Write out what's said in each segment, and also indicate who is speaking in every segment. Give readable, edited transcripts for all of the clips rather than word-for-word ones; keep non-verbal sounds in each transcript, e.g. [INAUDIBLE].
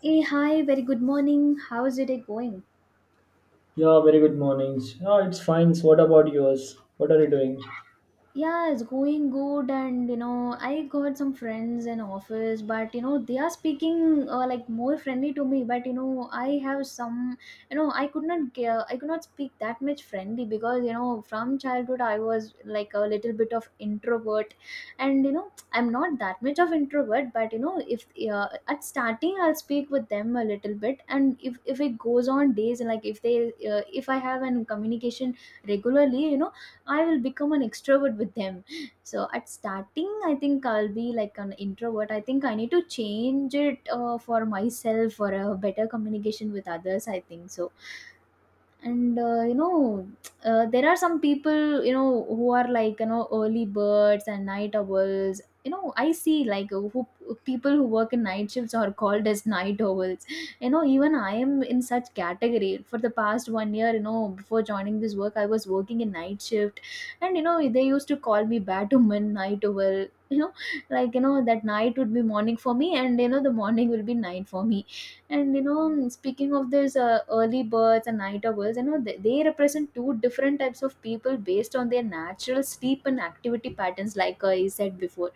Speaker 1: Hey, hi, very good morning. How's your day going?
Speaker 2: Yeah, very good mornings. Yeah, it's fine. So what about yours? What are you doing?
Speaker 1: Yeah, it's going good, and you know, I got some friends in office, but you know, they are speaking like more friendly to me. But you know, I have some, you know, I could not, I could not speak that much friendly because you know, from childhood I was like a little bit of introvert, and you know, I'm not that much of introvert. But you know, if at starting I'll speak with them a little bit, and if it goes on days, like if they, if I have an communication regularly, you know I will become an extrovert with them. So at starting, I think I'll be like an introvert. I think I need to change it for myself for a better communication with others. I think so and you know there are some people you know who are like you know early birds and night owls. You know, I see like who people who work in night shifts are called as night owls. You know, even I am in such category for the past 1 year. You know, before joining this work I was working in night shift, and you know they used to call me batwoman night owl, you know, like you know that night would be morning for me, and you know the morning will be night for me. And you know, speaking of this early birds and night owls, you know they represent two different types of people based on their natural sleep and activity patterns, like I said before.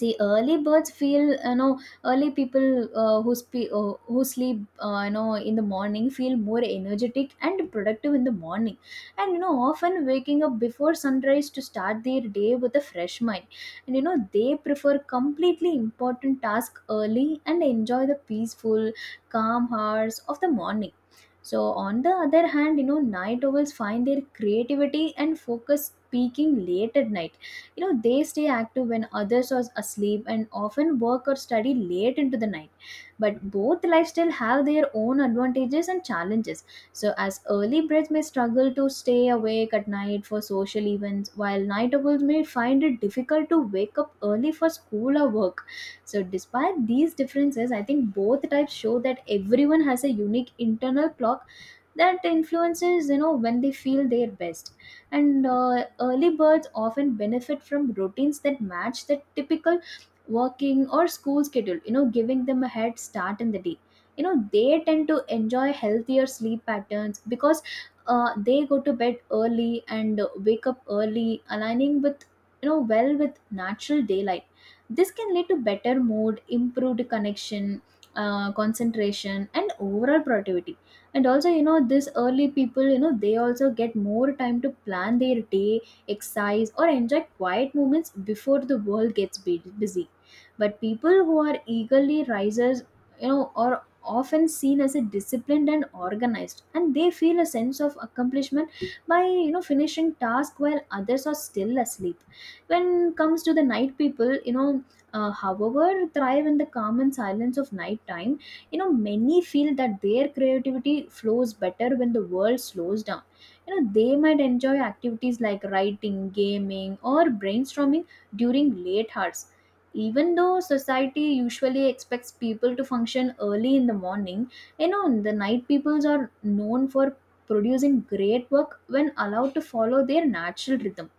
Speaker 1: See, early birds feel, you know, early people who sleep you know in the morning feel more energetic and productive in the morning, and you know often waking up before sunrise to start their day with a fresh mind. And you know they prefer completely important task early and enjoy the peaceful calm hours of the morning. So on the other hand, you know, night owls find their creativity and focus peaking late at night. You know, they stay active when others are asleep, and often work or study late into the night, but both lifestyle have their own advantages and challenges. So as early birds may struggle to stay awake at night for social events, while night owls may find it difficult to wake up early for school or work. So despite these differences, I think both types show that everyone has a unique internal clock that influences you know when they feel their best. And early birds often benefit from routines that match the typical working or school schedule, you know, giving them a head start in the day. You know, they tend to enjoy healthier sleep patterns because they go to bed early and wake up early, aligning with, you know, well with natural daylight. This can lead to better mood, improved connection, concentration and overall productivity. And also, you know, this early people, you know, they also get more time to plan their day, exercise, or enjoy quiet moments before the world gets busy. But people who are eagerly risers, you know, are often seen as a disciplined and organized, and they feel a sense of accomplishment by you know finishing tasks while others are still asleep. When comes to the night people, you know, however thrive in the calm and silence of night time. You know, many feel that their creativity flows better when the world slows down. You know, they might enjoy activities like writing, gaming or brainstorming during late hours. Even though society usually expects people to function early in the morning, you know, the night peoples are known for producing great work when allowed to follow their natural rhythm.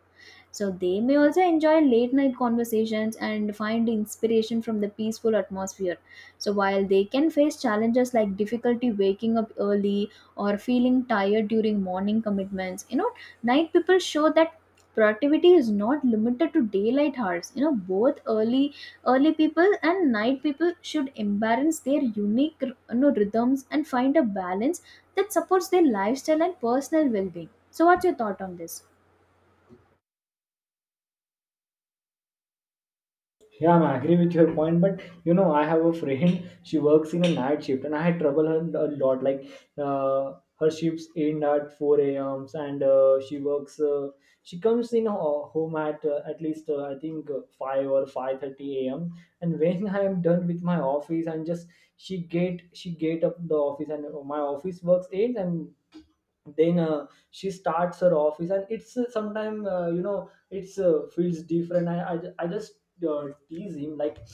Speaker 1: So they may also enjoy late night conversations and find inspiration from the peaceful atmosphere. So while they can face challenges like difficulty waking up early or feeling tired during morning commitments, you know, night people show that productivity is not limited to daylight hours. You know, both early, early people and night people should embrace their unique, you know, rhythms and find a balance that supports their lifestyle and personal well-being. So what's your thought on this?
Speaker 2: Yeah, I am agree with your point, but I have a friend. [LAUGHS] She works in a night shift, and I had trouble her a lot. Like, her shifts end at four a.m. and she works. She comes in home at least I think 5 or 5:30 a.m. And when [LAUGHS] I am done with my office, I'm just she get up the office and oh, my office works eight and then she starts her office, and it's sometime, it's feels different. I just tease him like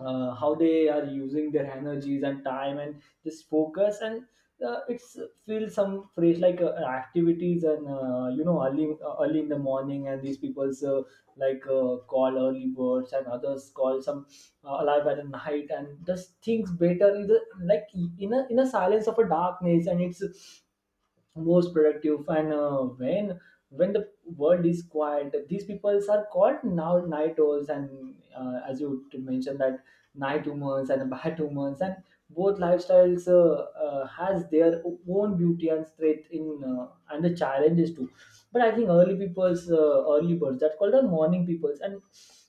Speaker 2: how they are using their energies and time and just focus. And it's feel some phrase like activities and, early, early in the morning, and these people's, like, call early birds, and others call some alive at night and just things better in the, like, in a, in a silence of a darkness, and it's most productive. And when the world is quiet, these people are called now night owls. And as you mentioned that night humans and [LAUGHS] bat humans, and both lifestyles has their own beauty and strength in, and the challenges too. But I think early people's, early birds, that's called the morning peoples. And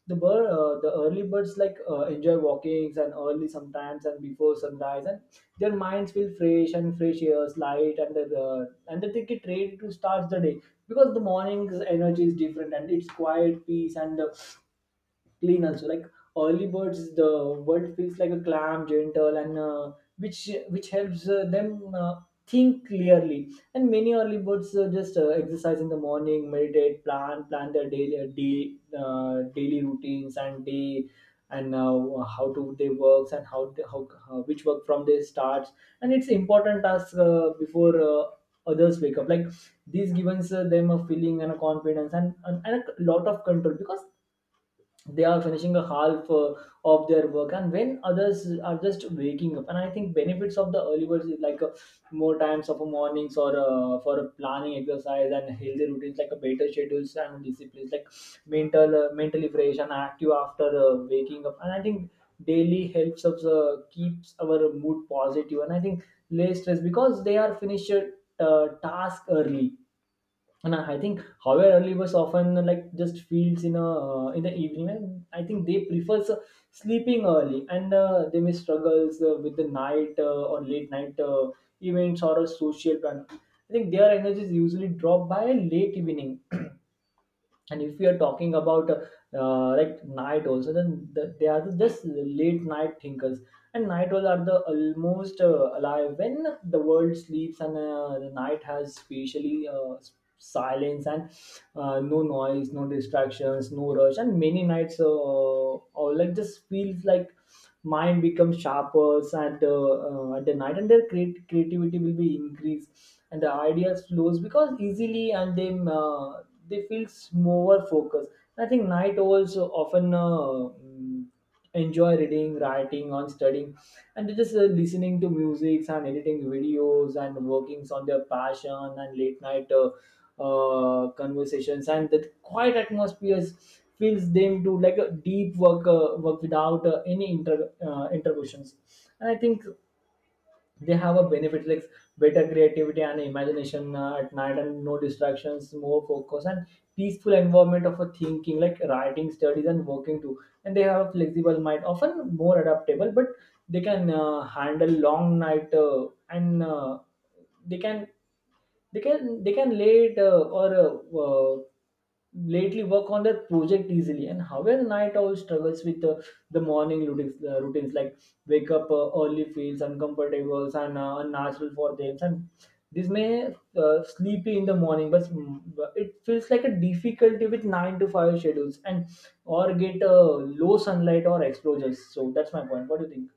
Speaker 2: the early birds, like, enjoy walkings and early sometimes and before sunrise, and their minds feel fresh, and fresh airs, light, and the, and they take it ready to start the day because the morning's energy is different, and it's quiet, peace, and clean also, like, early birds, the world feels like a calm, gentle and, which which helps them think clearly. And many early birds just exercise in the morning, meditate, plan their daily, daily routines and day. And how to they works, and how, they, how which work from they starts, and it's important task before others wake up. Like, this gives them a feeling and a confidence and a lot of control because they are finishing a half of their work, and when others are just waking up. And I think benefits of the early birds is like more times of a mornings, or for a planning, exercise and healthy routines, like a better schedules and disciplines, like mental, mentally fresh and active after waking up. And I think daily helps us keeps our mood positive. And I think less stress because they are finished task early. And I think, however, early birds often like just feels in a, in the evening, and I think they prefers sleeping early, and they may struggles with the night, or late night events or a social plan. I think their energies usually drop by late evening. And if we are talking about, like, night also, then the, they are just late night thinkers. And night owls are the almost alive when the world sleeps. And the night has spatially, silence, and no noise, no distractions, no rush. And many nights or, like, just feels like mind becomes sharper at the night, and their creativity will be increased, and the ideas flows because easily, and they, they feel more focused. I think night owls often enjoy reading, writing on studying, and they just listening to music and editing videos and workings on their passion. And late night, conversations and the quiet atmospheres feels them do like a deep work, work without any interruptions. And I think they have a benefit like better creativity and imagination at night, and no distractions, more focus and peaceful environment of a thinking, like writing, studies, and working too. And they have a flexible mind, often more adaptable. But they can handle long night, and they can, they can late, or lately work on that project easily. And however, night owl struggles with the morning routines, routines, like wake up early feels uncomfortable and unnatural for them, and this may sleepy in the morning. But it feels like a difficulty with 9 to 5 schedules, and or get low sunlight or exposures. So that's my point. What do you think?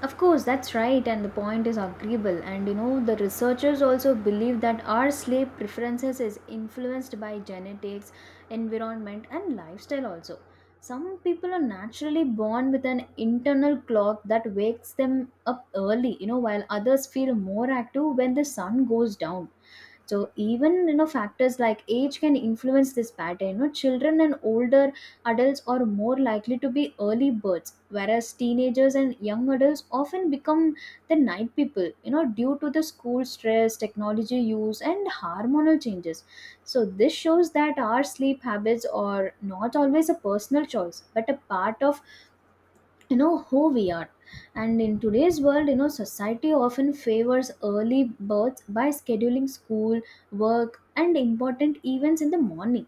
Speaker 1: Of course, that's right, and the point is agreeable. And you know, the researchers also believe that our sleep preferences is influenced by genetics, environment, and lifestyle also. Some people are naturally born with an internal clock that wakes them up early, you know, while others feel more active when the sun goes down. So even you know factors like age can influence this pattern. You know, children and older adults are more likely to be early birds, whereas teenagers and young adults often become the night people, you know, due to the school stress, technology use and hormonal changes. So this shows that our sleep habits are not always a personal choice, but a part of, you know, who we are. And in today's world, you know, society often favors early births by scheduling school, work and important events in the morning.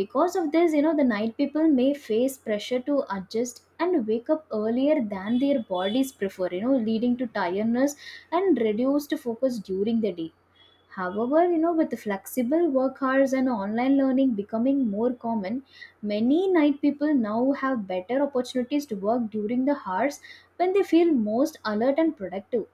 Speaker 1: Because of this, you know, the night people may face pressure to adjust and wake up earlier than their bodies prefer, you know, leading to tiredness and reduced focus during the day. However, you know, with flexible work hours and online learning becoming more common, many night people now have better opportunities to work during the hours when they feel most alert and productive.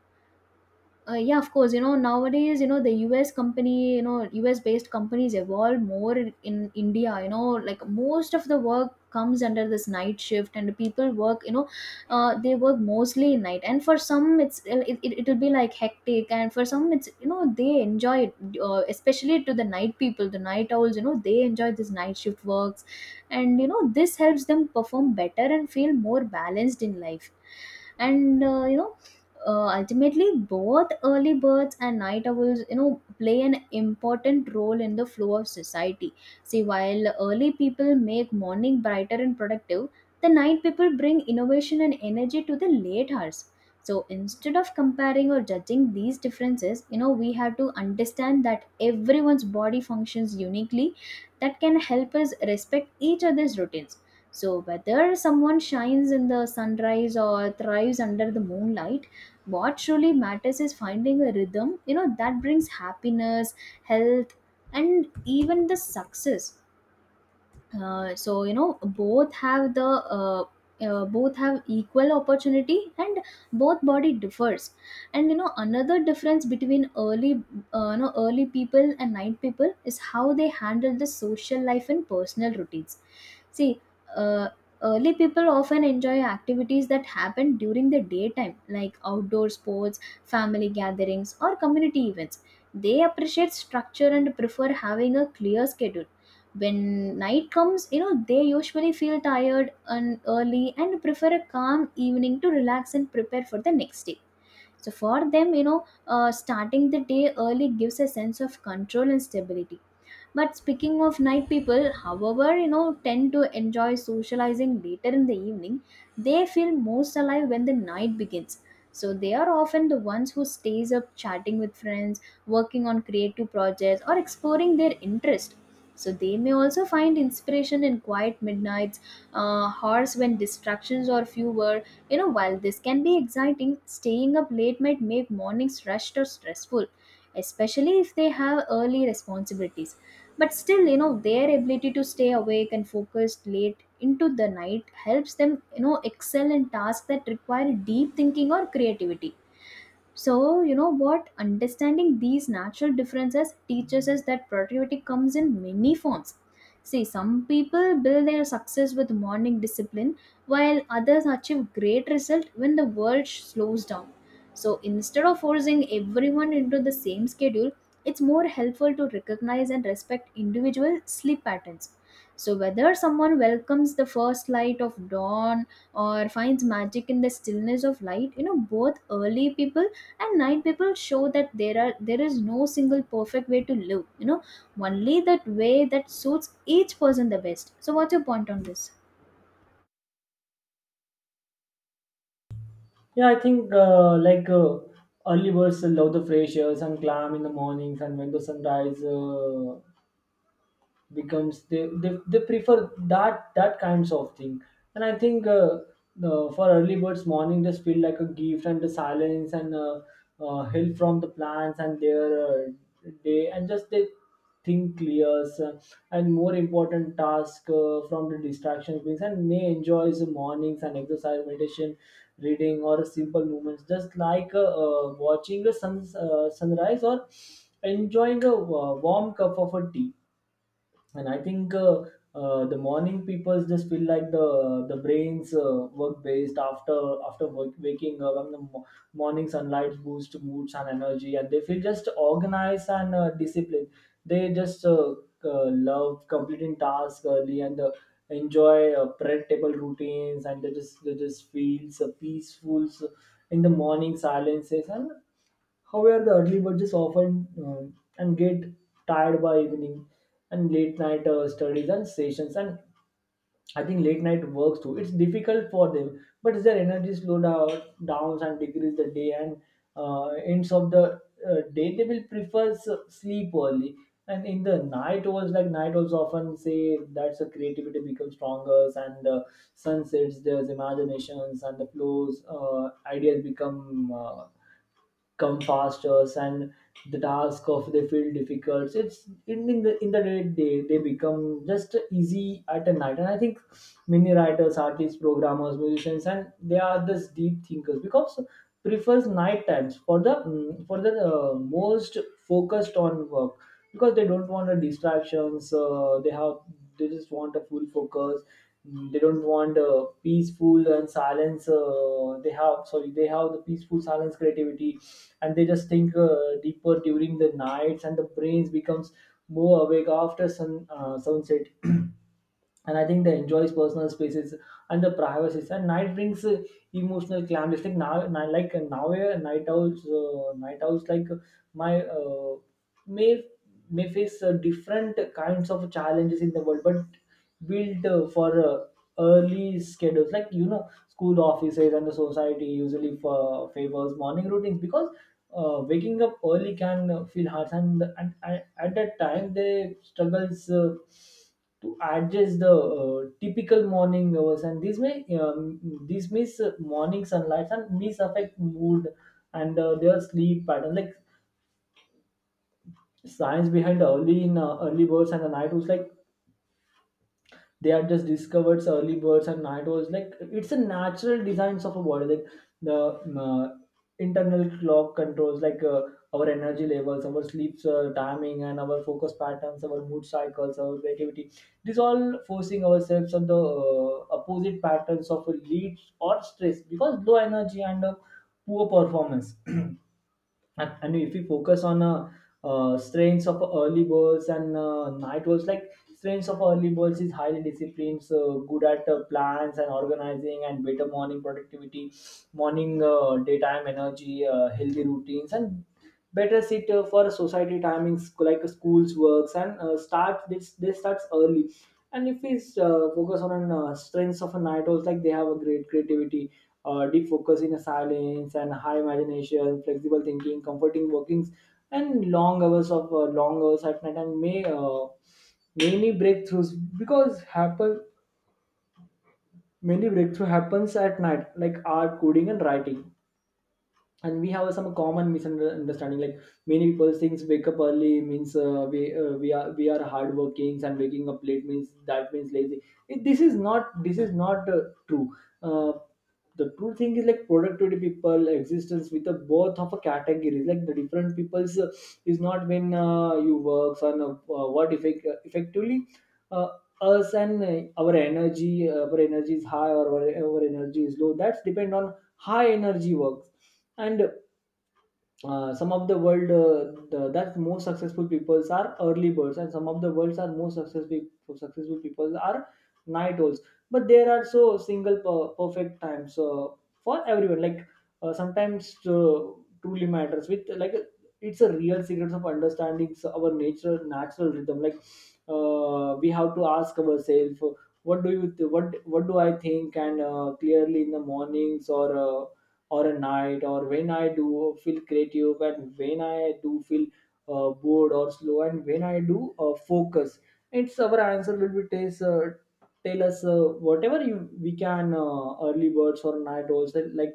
Speaker 1: Yeah, of course. You know, nowadays, you know, the US company, you know, US based companies evolve more in India. You know, like most of the work comes under this night shift, and people work, you know, they work mostly in night. And for some, it's it'll be like hectic, and for some, it's you know, they enjoy it, especially to the night people, the night owls, you know, they enjoy this night shift works, and you know, this helps them perform better and feel more balanced in life. And you know ultimately both early birds and night owls, you know, play an important role in the flow of society. See, while early people make morning brighter and productive, the night people bring innovation and energy to the late hours. So instead of comparing or judging these differences, you know, we have to understand that everyone's body functions uniquely. That can help us respect each other's routines. So whether someone shines in the sunrise or thrives under the moonlight, what truly matters is finding a rhythm, you know, that brings happiness, health, and even the success. So you know both have the both have equal opportunity, and both body differs. And you know another difference between early you know early people and night people is how they handle the social life and personal routines. See, uh, early people often enjoy activities that happen during the daytime, like outdoor sports, family gatherings or community events. They appreciate structure and prefer having a clear schedule. When night comes, you know, they usually feel tired and early and prefer a calm evening to relax and prepare for the next day. So for them, you know, starting the day early gives a sense of control and stability. But speaking of night people, however, you know, tend to enjoy socializing later in the evening. They feel most alive when the night begins. So they are often the ones who stays up chatting with friends, working on creative projects or exploring their interest. So they may also find inspiration in quiet midnights, hours when distractions are fewer. You know, while this can be exciting, staying up late might make mornings rushed or stressful, especially if they have early responsibilities. But still, you know, their ability to stay awake and focused late into the night helps them, you know, excel in tasks that require deep thinking or creativity. So, you know what? Understanding these natural differences teaches us that productivity comes in many forms. See, some people build their success with morning discipline, while others achieve great result when the world slows down. So, instead of forcing everyone into the same schedule, it's more helpful to recognize and respect individual sleep patterns. So, whether someone welcomes the first light of dawn or finds magic in the stillness of light, you know, both early people and night people show that there is no single perfect way to live, only that way that suits each person the best. So what's your point on this?
Speaker 2: Yeah, I think, early birds love the fresh air and clam in the mornings, and when the sunrise becomes, they prefer that, that kinds of thing. And I think, for early birds, morning just feel like a gift, and the silence, and hill from the plants, and their day, and just they think clears and more important task from the distractions brings, and may enjoys the mornings and exercise, meditation, reading, or simple movements, just like, watching the sun, sunrise, or enjoying a warm cup of a tea. And I think, the morning people just feel like the brains work based after, after work, waking up. And the morning sunlight boosts moods and energy, and they feel just organized and disciplined. They just love completing tasks early, and enjoy predictable routines. And they just feels peaceful, so, in the morning silences. And however, the early birds just often, and get tired by evening, and late night, studies and sessions, and I think late night works too. It's difficult for them, but their energy slow down, downs, and decrease the day, and ends of the day, they will prefer sleep early. And in the night was like, night also often say that's the creativity becomes stronger, and the sunsets there's imaginations, and the flows, ideas become, come faster, and the task of they feel difficult. So it's, in, in the day, they become just easy at a night. And I think many writers, artists, programmers, musicians, and they are this deep thinkers because prefers night times for the, most focused on work because they don't want a distractions. They have, they just want a full focus. They don't want a peaceful and silence, they have, sorry, they have the peaceful silence creativity. And they just think deeper during the nights, and the brains becomes more awake after sunset. And I think they enjoy personal spaces and the privacy. And night brings emotional calm. Like now, a night owls like, my may may face different kinds of challenges in the world. But built for early schedules, like, you know, school, offices, and the society usually for favors morning routines because waking up early can feel hard, and at that time they struggles to adjust the typical morning hours. And this may, this miss morning sunlight and miss affect mood and their sleep pattern, like, science behind early birds and the night was like. They had just discovered early birds and night owls, like it's a natural designs of a body, like the internal clock controls, like our energy levels, our sleep timing, and our focus patterns, our mood cycles, our creativity. This all forcing ourselves on the opposite patterns of leads or stress because low energy and poor performance. [CLEARS THROAT] And if we focus on, strengths of early birds and night owls, like strengths of early birds is highly disciplined, so good at plans and organizing and better morning productivity, morning, daytime energy, healthy routines, and better sit for society timings, like schools, works, and start this they starts early. And if we focus on strengths of a night owls, like, they have a great creativity, deep focus in silence, and high imagination, flexible thinking, comforting workings, and long hours of, long hours at night. And may many breakthroughs because happen many breakthrough happens at night, like art, coding, and writing. And we have some common misunderstanding, like many people thinks wake up early means, we are, we are hard working, and waking up late means that means lazy. It, this is not true. uh, the true thing is, like productivity people existence with a both of a categories, like the different people's is not when you works on what effectively uh, us, and our energy is high, or our energy is low. That's depend on high energy works. And some of the world, that most successful peoples are early birds, and some of the world's are most successful people are night owls. But there are so single perfect times for everyone. Like, sometimes truly matters with, like, it's a real secret of understanding our natural rhythm. Like, we have to ask ourselves, what do you th- what do I think, and clearly in the mornings, or or a night, or when I do feel creative, and when I do feel bored or slow, and when I do focus. It's our answer will be taste, tell us whatever you we can, early birds or night owls. And, like,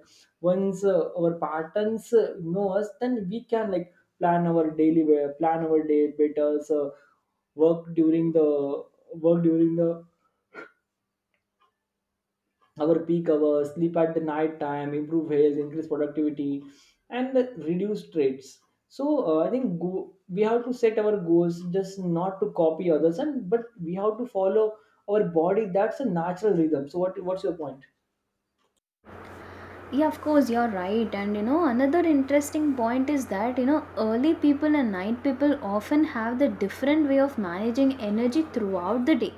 Speaker 2: once our patterns know us, then we can, like, plan our plan our day better. So work during the work during the our peak hours, sleep at the night time, improve health, increase productivity, and reduce traits. So I think we have to set our goals, just not to copy others, and but we have to follow our body. That's a natural rhythm. So what's your point?
Speaker 1: Yeah, of course you're right. And you know, another interesting point is that you know, early people and night people often have the different way of managing energy throughout the day.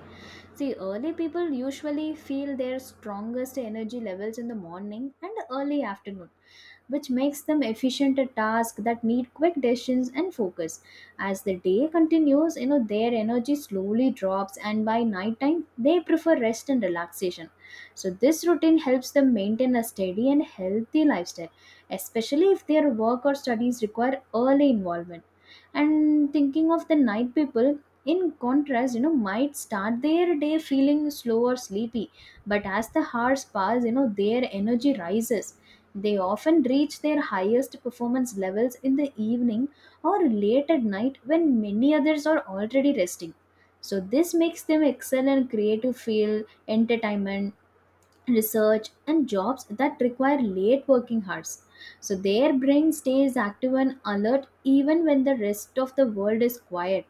Speaker 1: See, early people usually feel their strongest energy levels in the morning and early afternoon, which makes them efficient at tasks that need quick decisions and focus. As the day continues, you know, their energy slowly drops, and by nighttime, they prefer rest and relaxation. So, this routine helps them maintain a steady and healthy lifestyle, especially if their work or studies require early involvement. And thinking of the night people, in contrast, you know, might start their day feeling slow or sleepy, but as the hours pass, you know, their energy rises. They often reach their highest performance levels in the evening or late at night when many others are already resting. So, this makes them excel in creative field, entertainment, research, and jobs that require late working hours, so their brain stays active and alert even when the rest of the world is quiet.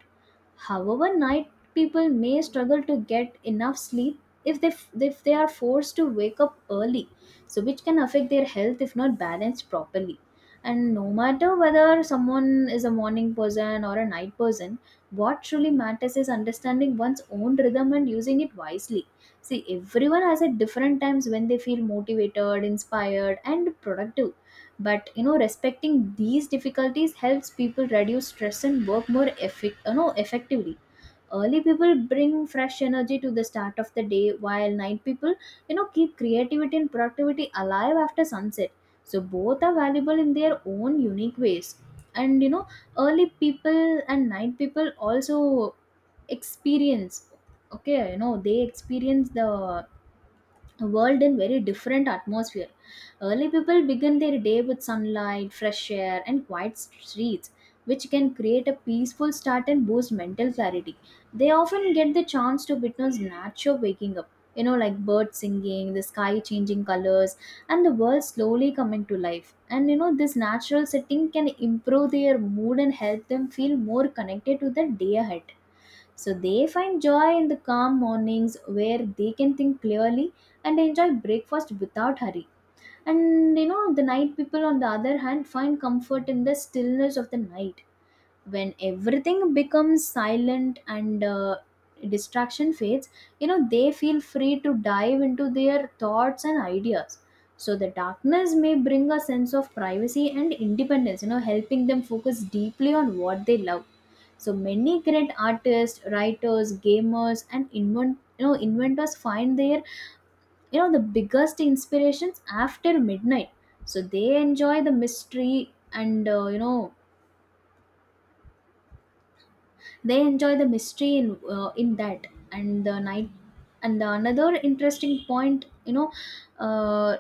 Speaker 1: However, night people may struggle to get enough sleep if they if they are forced to wake up early, so which can affect their health if not balanced properly. And no matter whether someone is a morning person or a night person, what truly matters is understanding one's own rhythm and using it wisely. See, everyone has at different times when they feel motivated, inspired, and productive. But you know, respecting these difficulties helps people reduce stress and work more effectively. Early people bring fresh energy to the start of the day, while night people, you know, keep creativity and productivity alive after sunset. So both are valuable in their own unique ways. And you know, early people and night people also experience, okay, you know, they experience the a world in very different atmosphere. Early people begin their day with sunlight, fresh air, and quiet streets, which can create a peaceful start and boost mental clarity. They often get the chance to witness nature waking up, you know, like birds singing, the sky changing colors, and the world slowly coming to life. And you know, this natural setting can improve their mood and help them feel more connected to the day ahead. So they find joy in the calm mornings where they can think clearly and enjoy breakfast without hurry. And you know, the night people, on the other hand, find comfort in the stillness of the night when everything becomes silent and distraction fades. You know, they feel free to dive into their thoughts and ideas. So, the darkness may bring a sense of privacy and independence, you know, helping them focus deeply on what they love. So many great artists, writers, gamers, and inventors find their the biggest inspirations after midnight. So they enjoy the mystery and they enjoy the mystery in that and the night. And the another interesting point, you know, uh,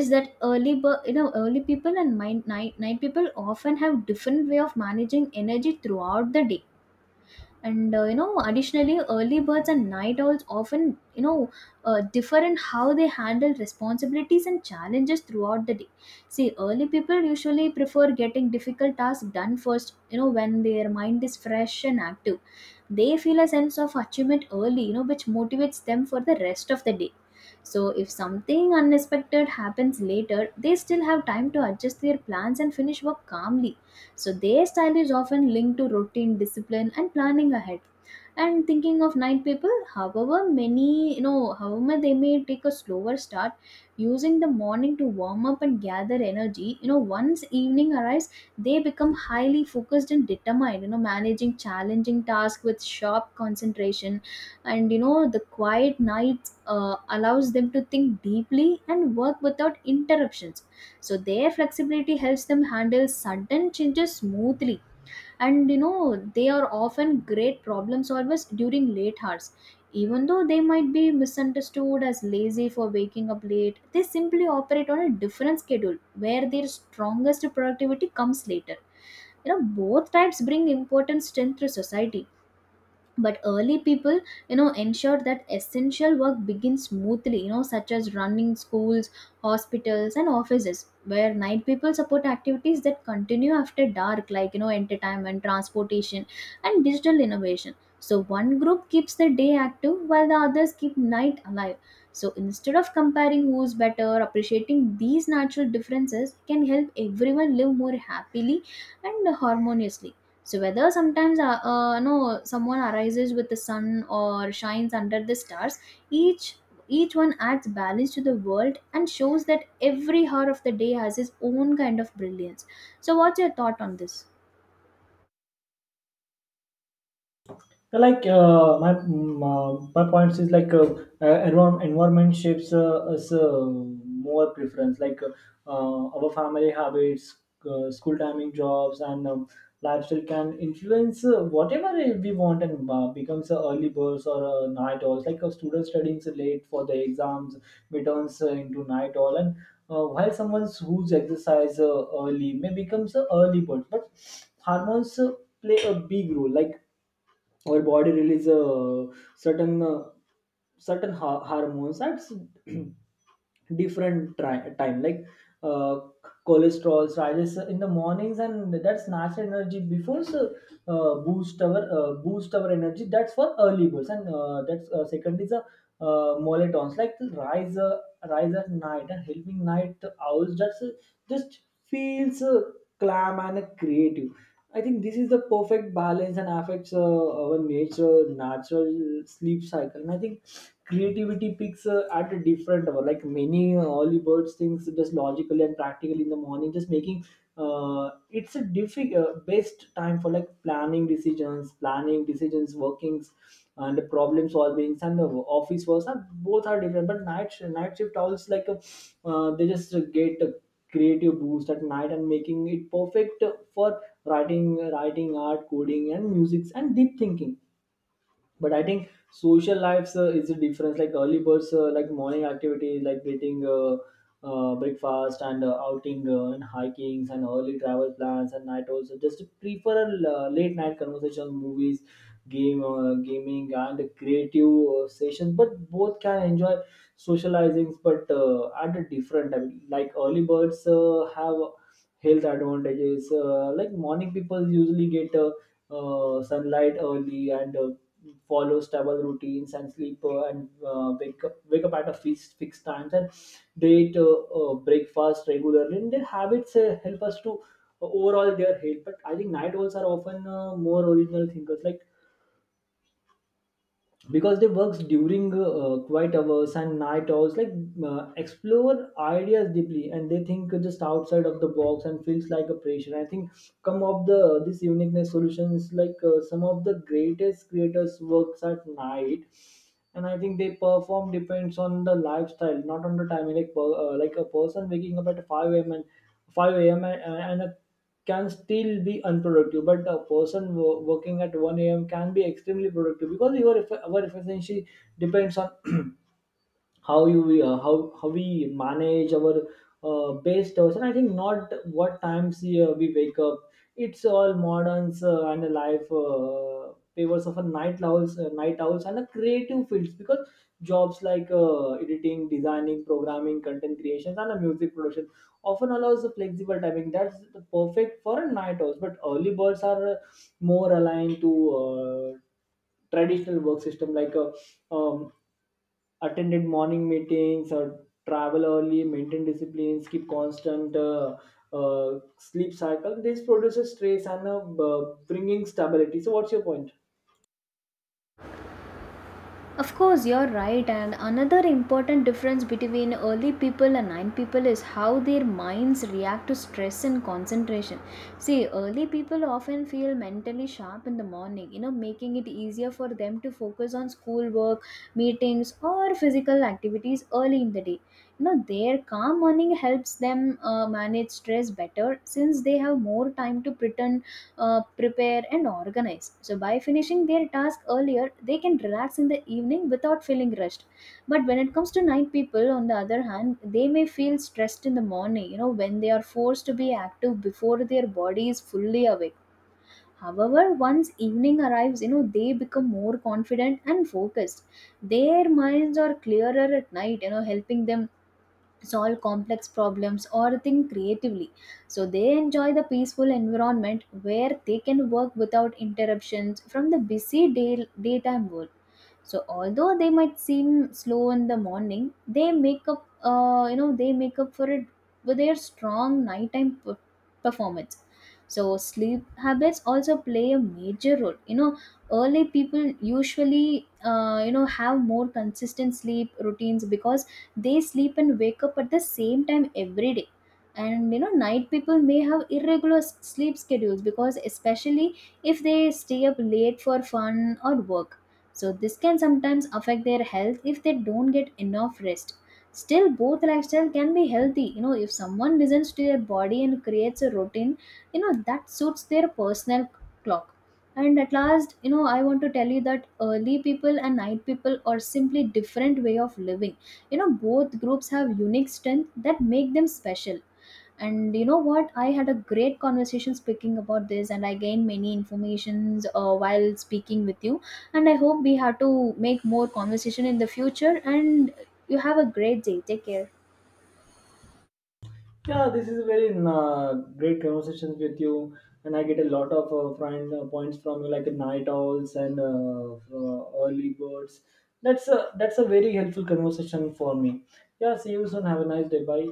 Speaker 1: is that early bir- you know early people and night people often have different way of managing energy throughout the day. And you know, additionally, early birds and night owls often, you know, differ in how they handle responsibilities and challenges throughout the day. See, early people usually prefer getting difficult tasks done first, you know, when their mind is fresh and active. They feel a sense of achievement early, you know, which motivates them for the rest of the day. So if something unexpected happens later, they still have time to adjust their plans and finish work calmly. So their style is often linked to routine, discipline, and planning ahead. And thinking of night people, however many, you know, however they may take a slower start, using the morning to warm up and gather energy. You know, once evening arrives, they become highly focused and determined, you know, managing challenging tasks with sharp concentration. And you know, the quiet night allows them to think deeply and work without interruptions. So their flexibility helps them handle sudden changes smoothly, and you know, they are often great problem solvers during late hours. Even though they might be misunderstood as lazy for waking up late, they simply operate on a different schedule where their strongest productivity comes later. You know, both types bring important strength to society. But early people, you know, ensured that essential work begins smoothly, you know, such as running schools, hospitals, and offices, where night people support activities that continue after dark, like you know, entertainment, transportation, and digital innovation. So one group keeps the day active while the others keep night alive. So instead of comparing who's better, appreciating these natural differences can help everyone live more happily and harmoniously. So whether sometimes no someone arises with the sun or shines under the stars, each each one adds balance to the world and shows that every hour of the day has its own kind of brilliance. So what's your thought on this?
Speaker 2: Like, my points is, like, environment shapes us, more preference, like, our family habits, school timing, jobs, and lifestyle can influence whatever we want, and becomes early birds or night owls. Like a student studying late for the exams returns into night owl, and while someone who's exercise early may becomes an early bird. But hormones play a big role. Like, our body release certain uh, hormones at [CLEARS THROAT] different time, like, uh, cholesterol rises in the mornings, and that's natural energy before, so boost our energy. That's for early birds. And that's, second is a molletons, like the rise at night and helping night owls. That's, just feels calm and creative. I think this is the perfect balance, and affects our nature natural sleep cycle. And I think creativity peaks at a different hour. Like, many early birds things just logically and practically in the morning, just making it's a difficult, best time for, like, planning decisions, workings, and the problem solvings, and the office works are both are different. But night shift owls, like, they just get a creative boost at night, and making it perfect for writing, art, coding, and musics, and deep thinking. But I think social lives is a difference. Like, early birds like morning activities, like getting breakfast, and outing, and hikings and early travel plans. And night also just prefer a late night conversations, movies, game gaming, and creative sessions. But both can enjoy socializing, but at a different time. Like, early birds have health advantages. Like morning people usually get sunlight early, and follow stable routines and sleep, and wake up at a fixed times, and they eat breakfast regularly, and their habits help us to overall their health. But I think night owls are often more original thinkers, like, because they works during quiet hours and night hours, like, explore ideas deeply, and they think just outside of the box, and feels like a pressure, I think, come of the this uniqueness solutions. Like, some of the greatest creators works at night. And I think they perform depends on the lifestyle, not on the timing. Like, like a person waking up at 5 a.m., 5 a.m and, and a, can still be unproductive, but a person working at 1 a.m. can be extremely productive, because our efficiency depends on how you how we manage our base hours, and I think not what times we wake up. It's all moderns, and a life favors of a night owls, and a creative fields, because jobs like editing, designing, programming, content creations, and a music production often allows a flexible timing that's the perfect for a night owls. But early birds are more aligned to uh, traditional work system, like a, um, attended morning meetings, or travel early, maintain discipline, keep constant sleep cycle. This produces stress, and bringing stability. So what's your point?
Speaker 1: Of course, you're right. And another important difference between early people and nine people is how their minds react to stress and concentration. See, early people often feel mentally sharp in the morning, you know, making it easier for them to focus on schoolwork, meetings, or physical activities early in the day. You know, their calm morning helps them manage stress better since they have more time to pretend prepare and organize. So, by finishing their task earlier, they can relax in the evening without feeling rushed. But when it comes to night people, on the other hand, they may feel stressed in the morning, you know, when they are forced to be active before their body is fully awake. However, once evening arrives, you know, they become more confident and focused. Their minds are clearer at night, you know, helping them solve complex problems or think creatively. So they enjoy the peaceful environment where they can work without interruptions from the busy daytime world. So although they might seem slow in the morning, they make up, you know, they make up for it with their strong nighttime performance. So sleep habits also play a major role. You know, early people usually have more consistent sleep routines because they sleep and wake up at the same time every day. And you know, night people may have irregular sleep schedules because especially if they stay up late for fun or work. So this can sometimes affect their health if they don't get enough rest. Still, both lifestyle can be healthy, you know, if someone listens to their body and creates a routine, you know, that suits their personal clock. And at last, you know, I want to tell you that early people and night people are simply different way of living. You know, both groups have unique strength that make them special. And you know what, I had a great conversation speaking about this, and I gained many informations while speaking with you. And I hope we have to make more conversation in the future, and you have a great day. Take care.
Speaker 2: Yeah, this is a very uh, great conversations with you, and I get a lot of friend points from you, like night owls and early birds. That's a very helpful conversation for me. Yeah, see you soon. Have a nice day. Bye.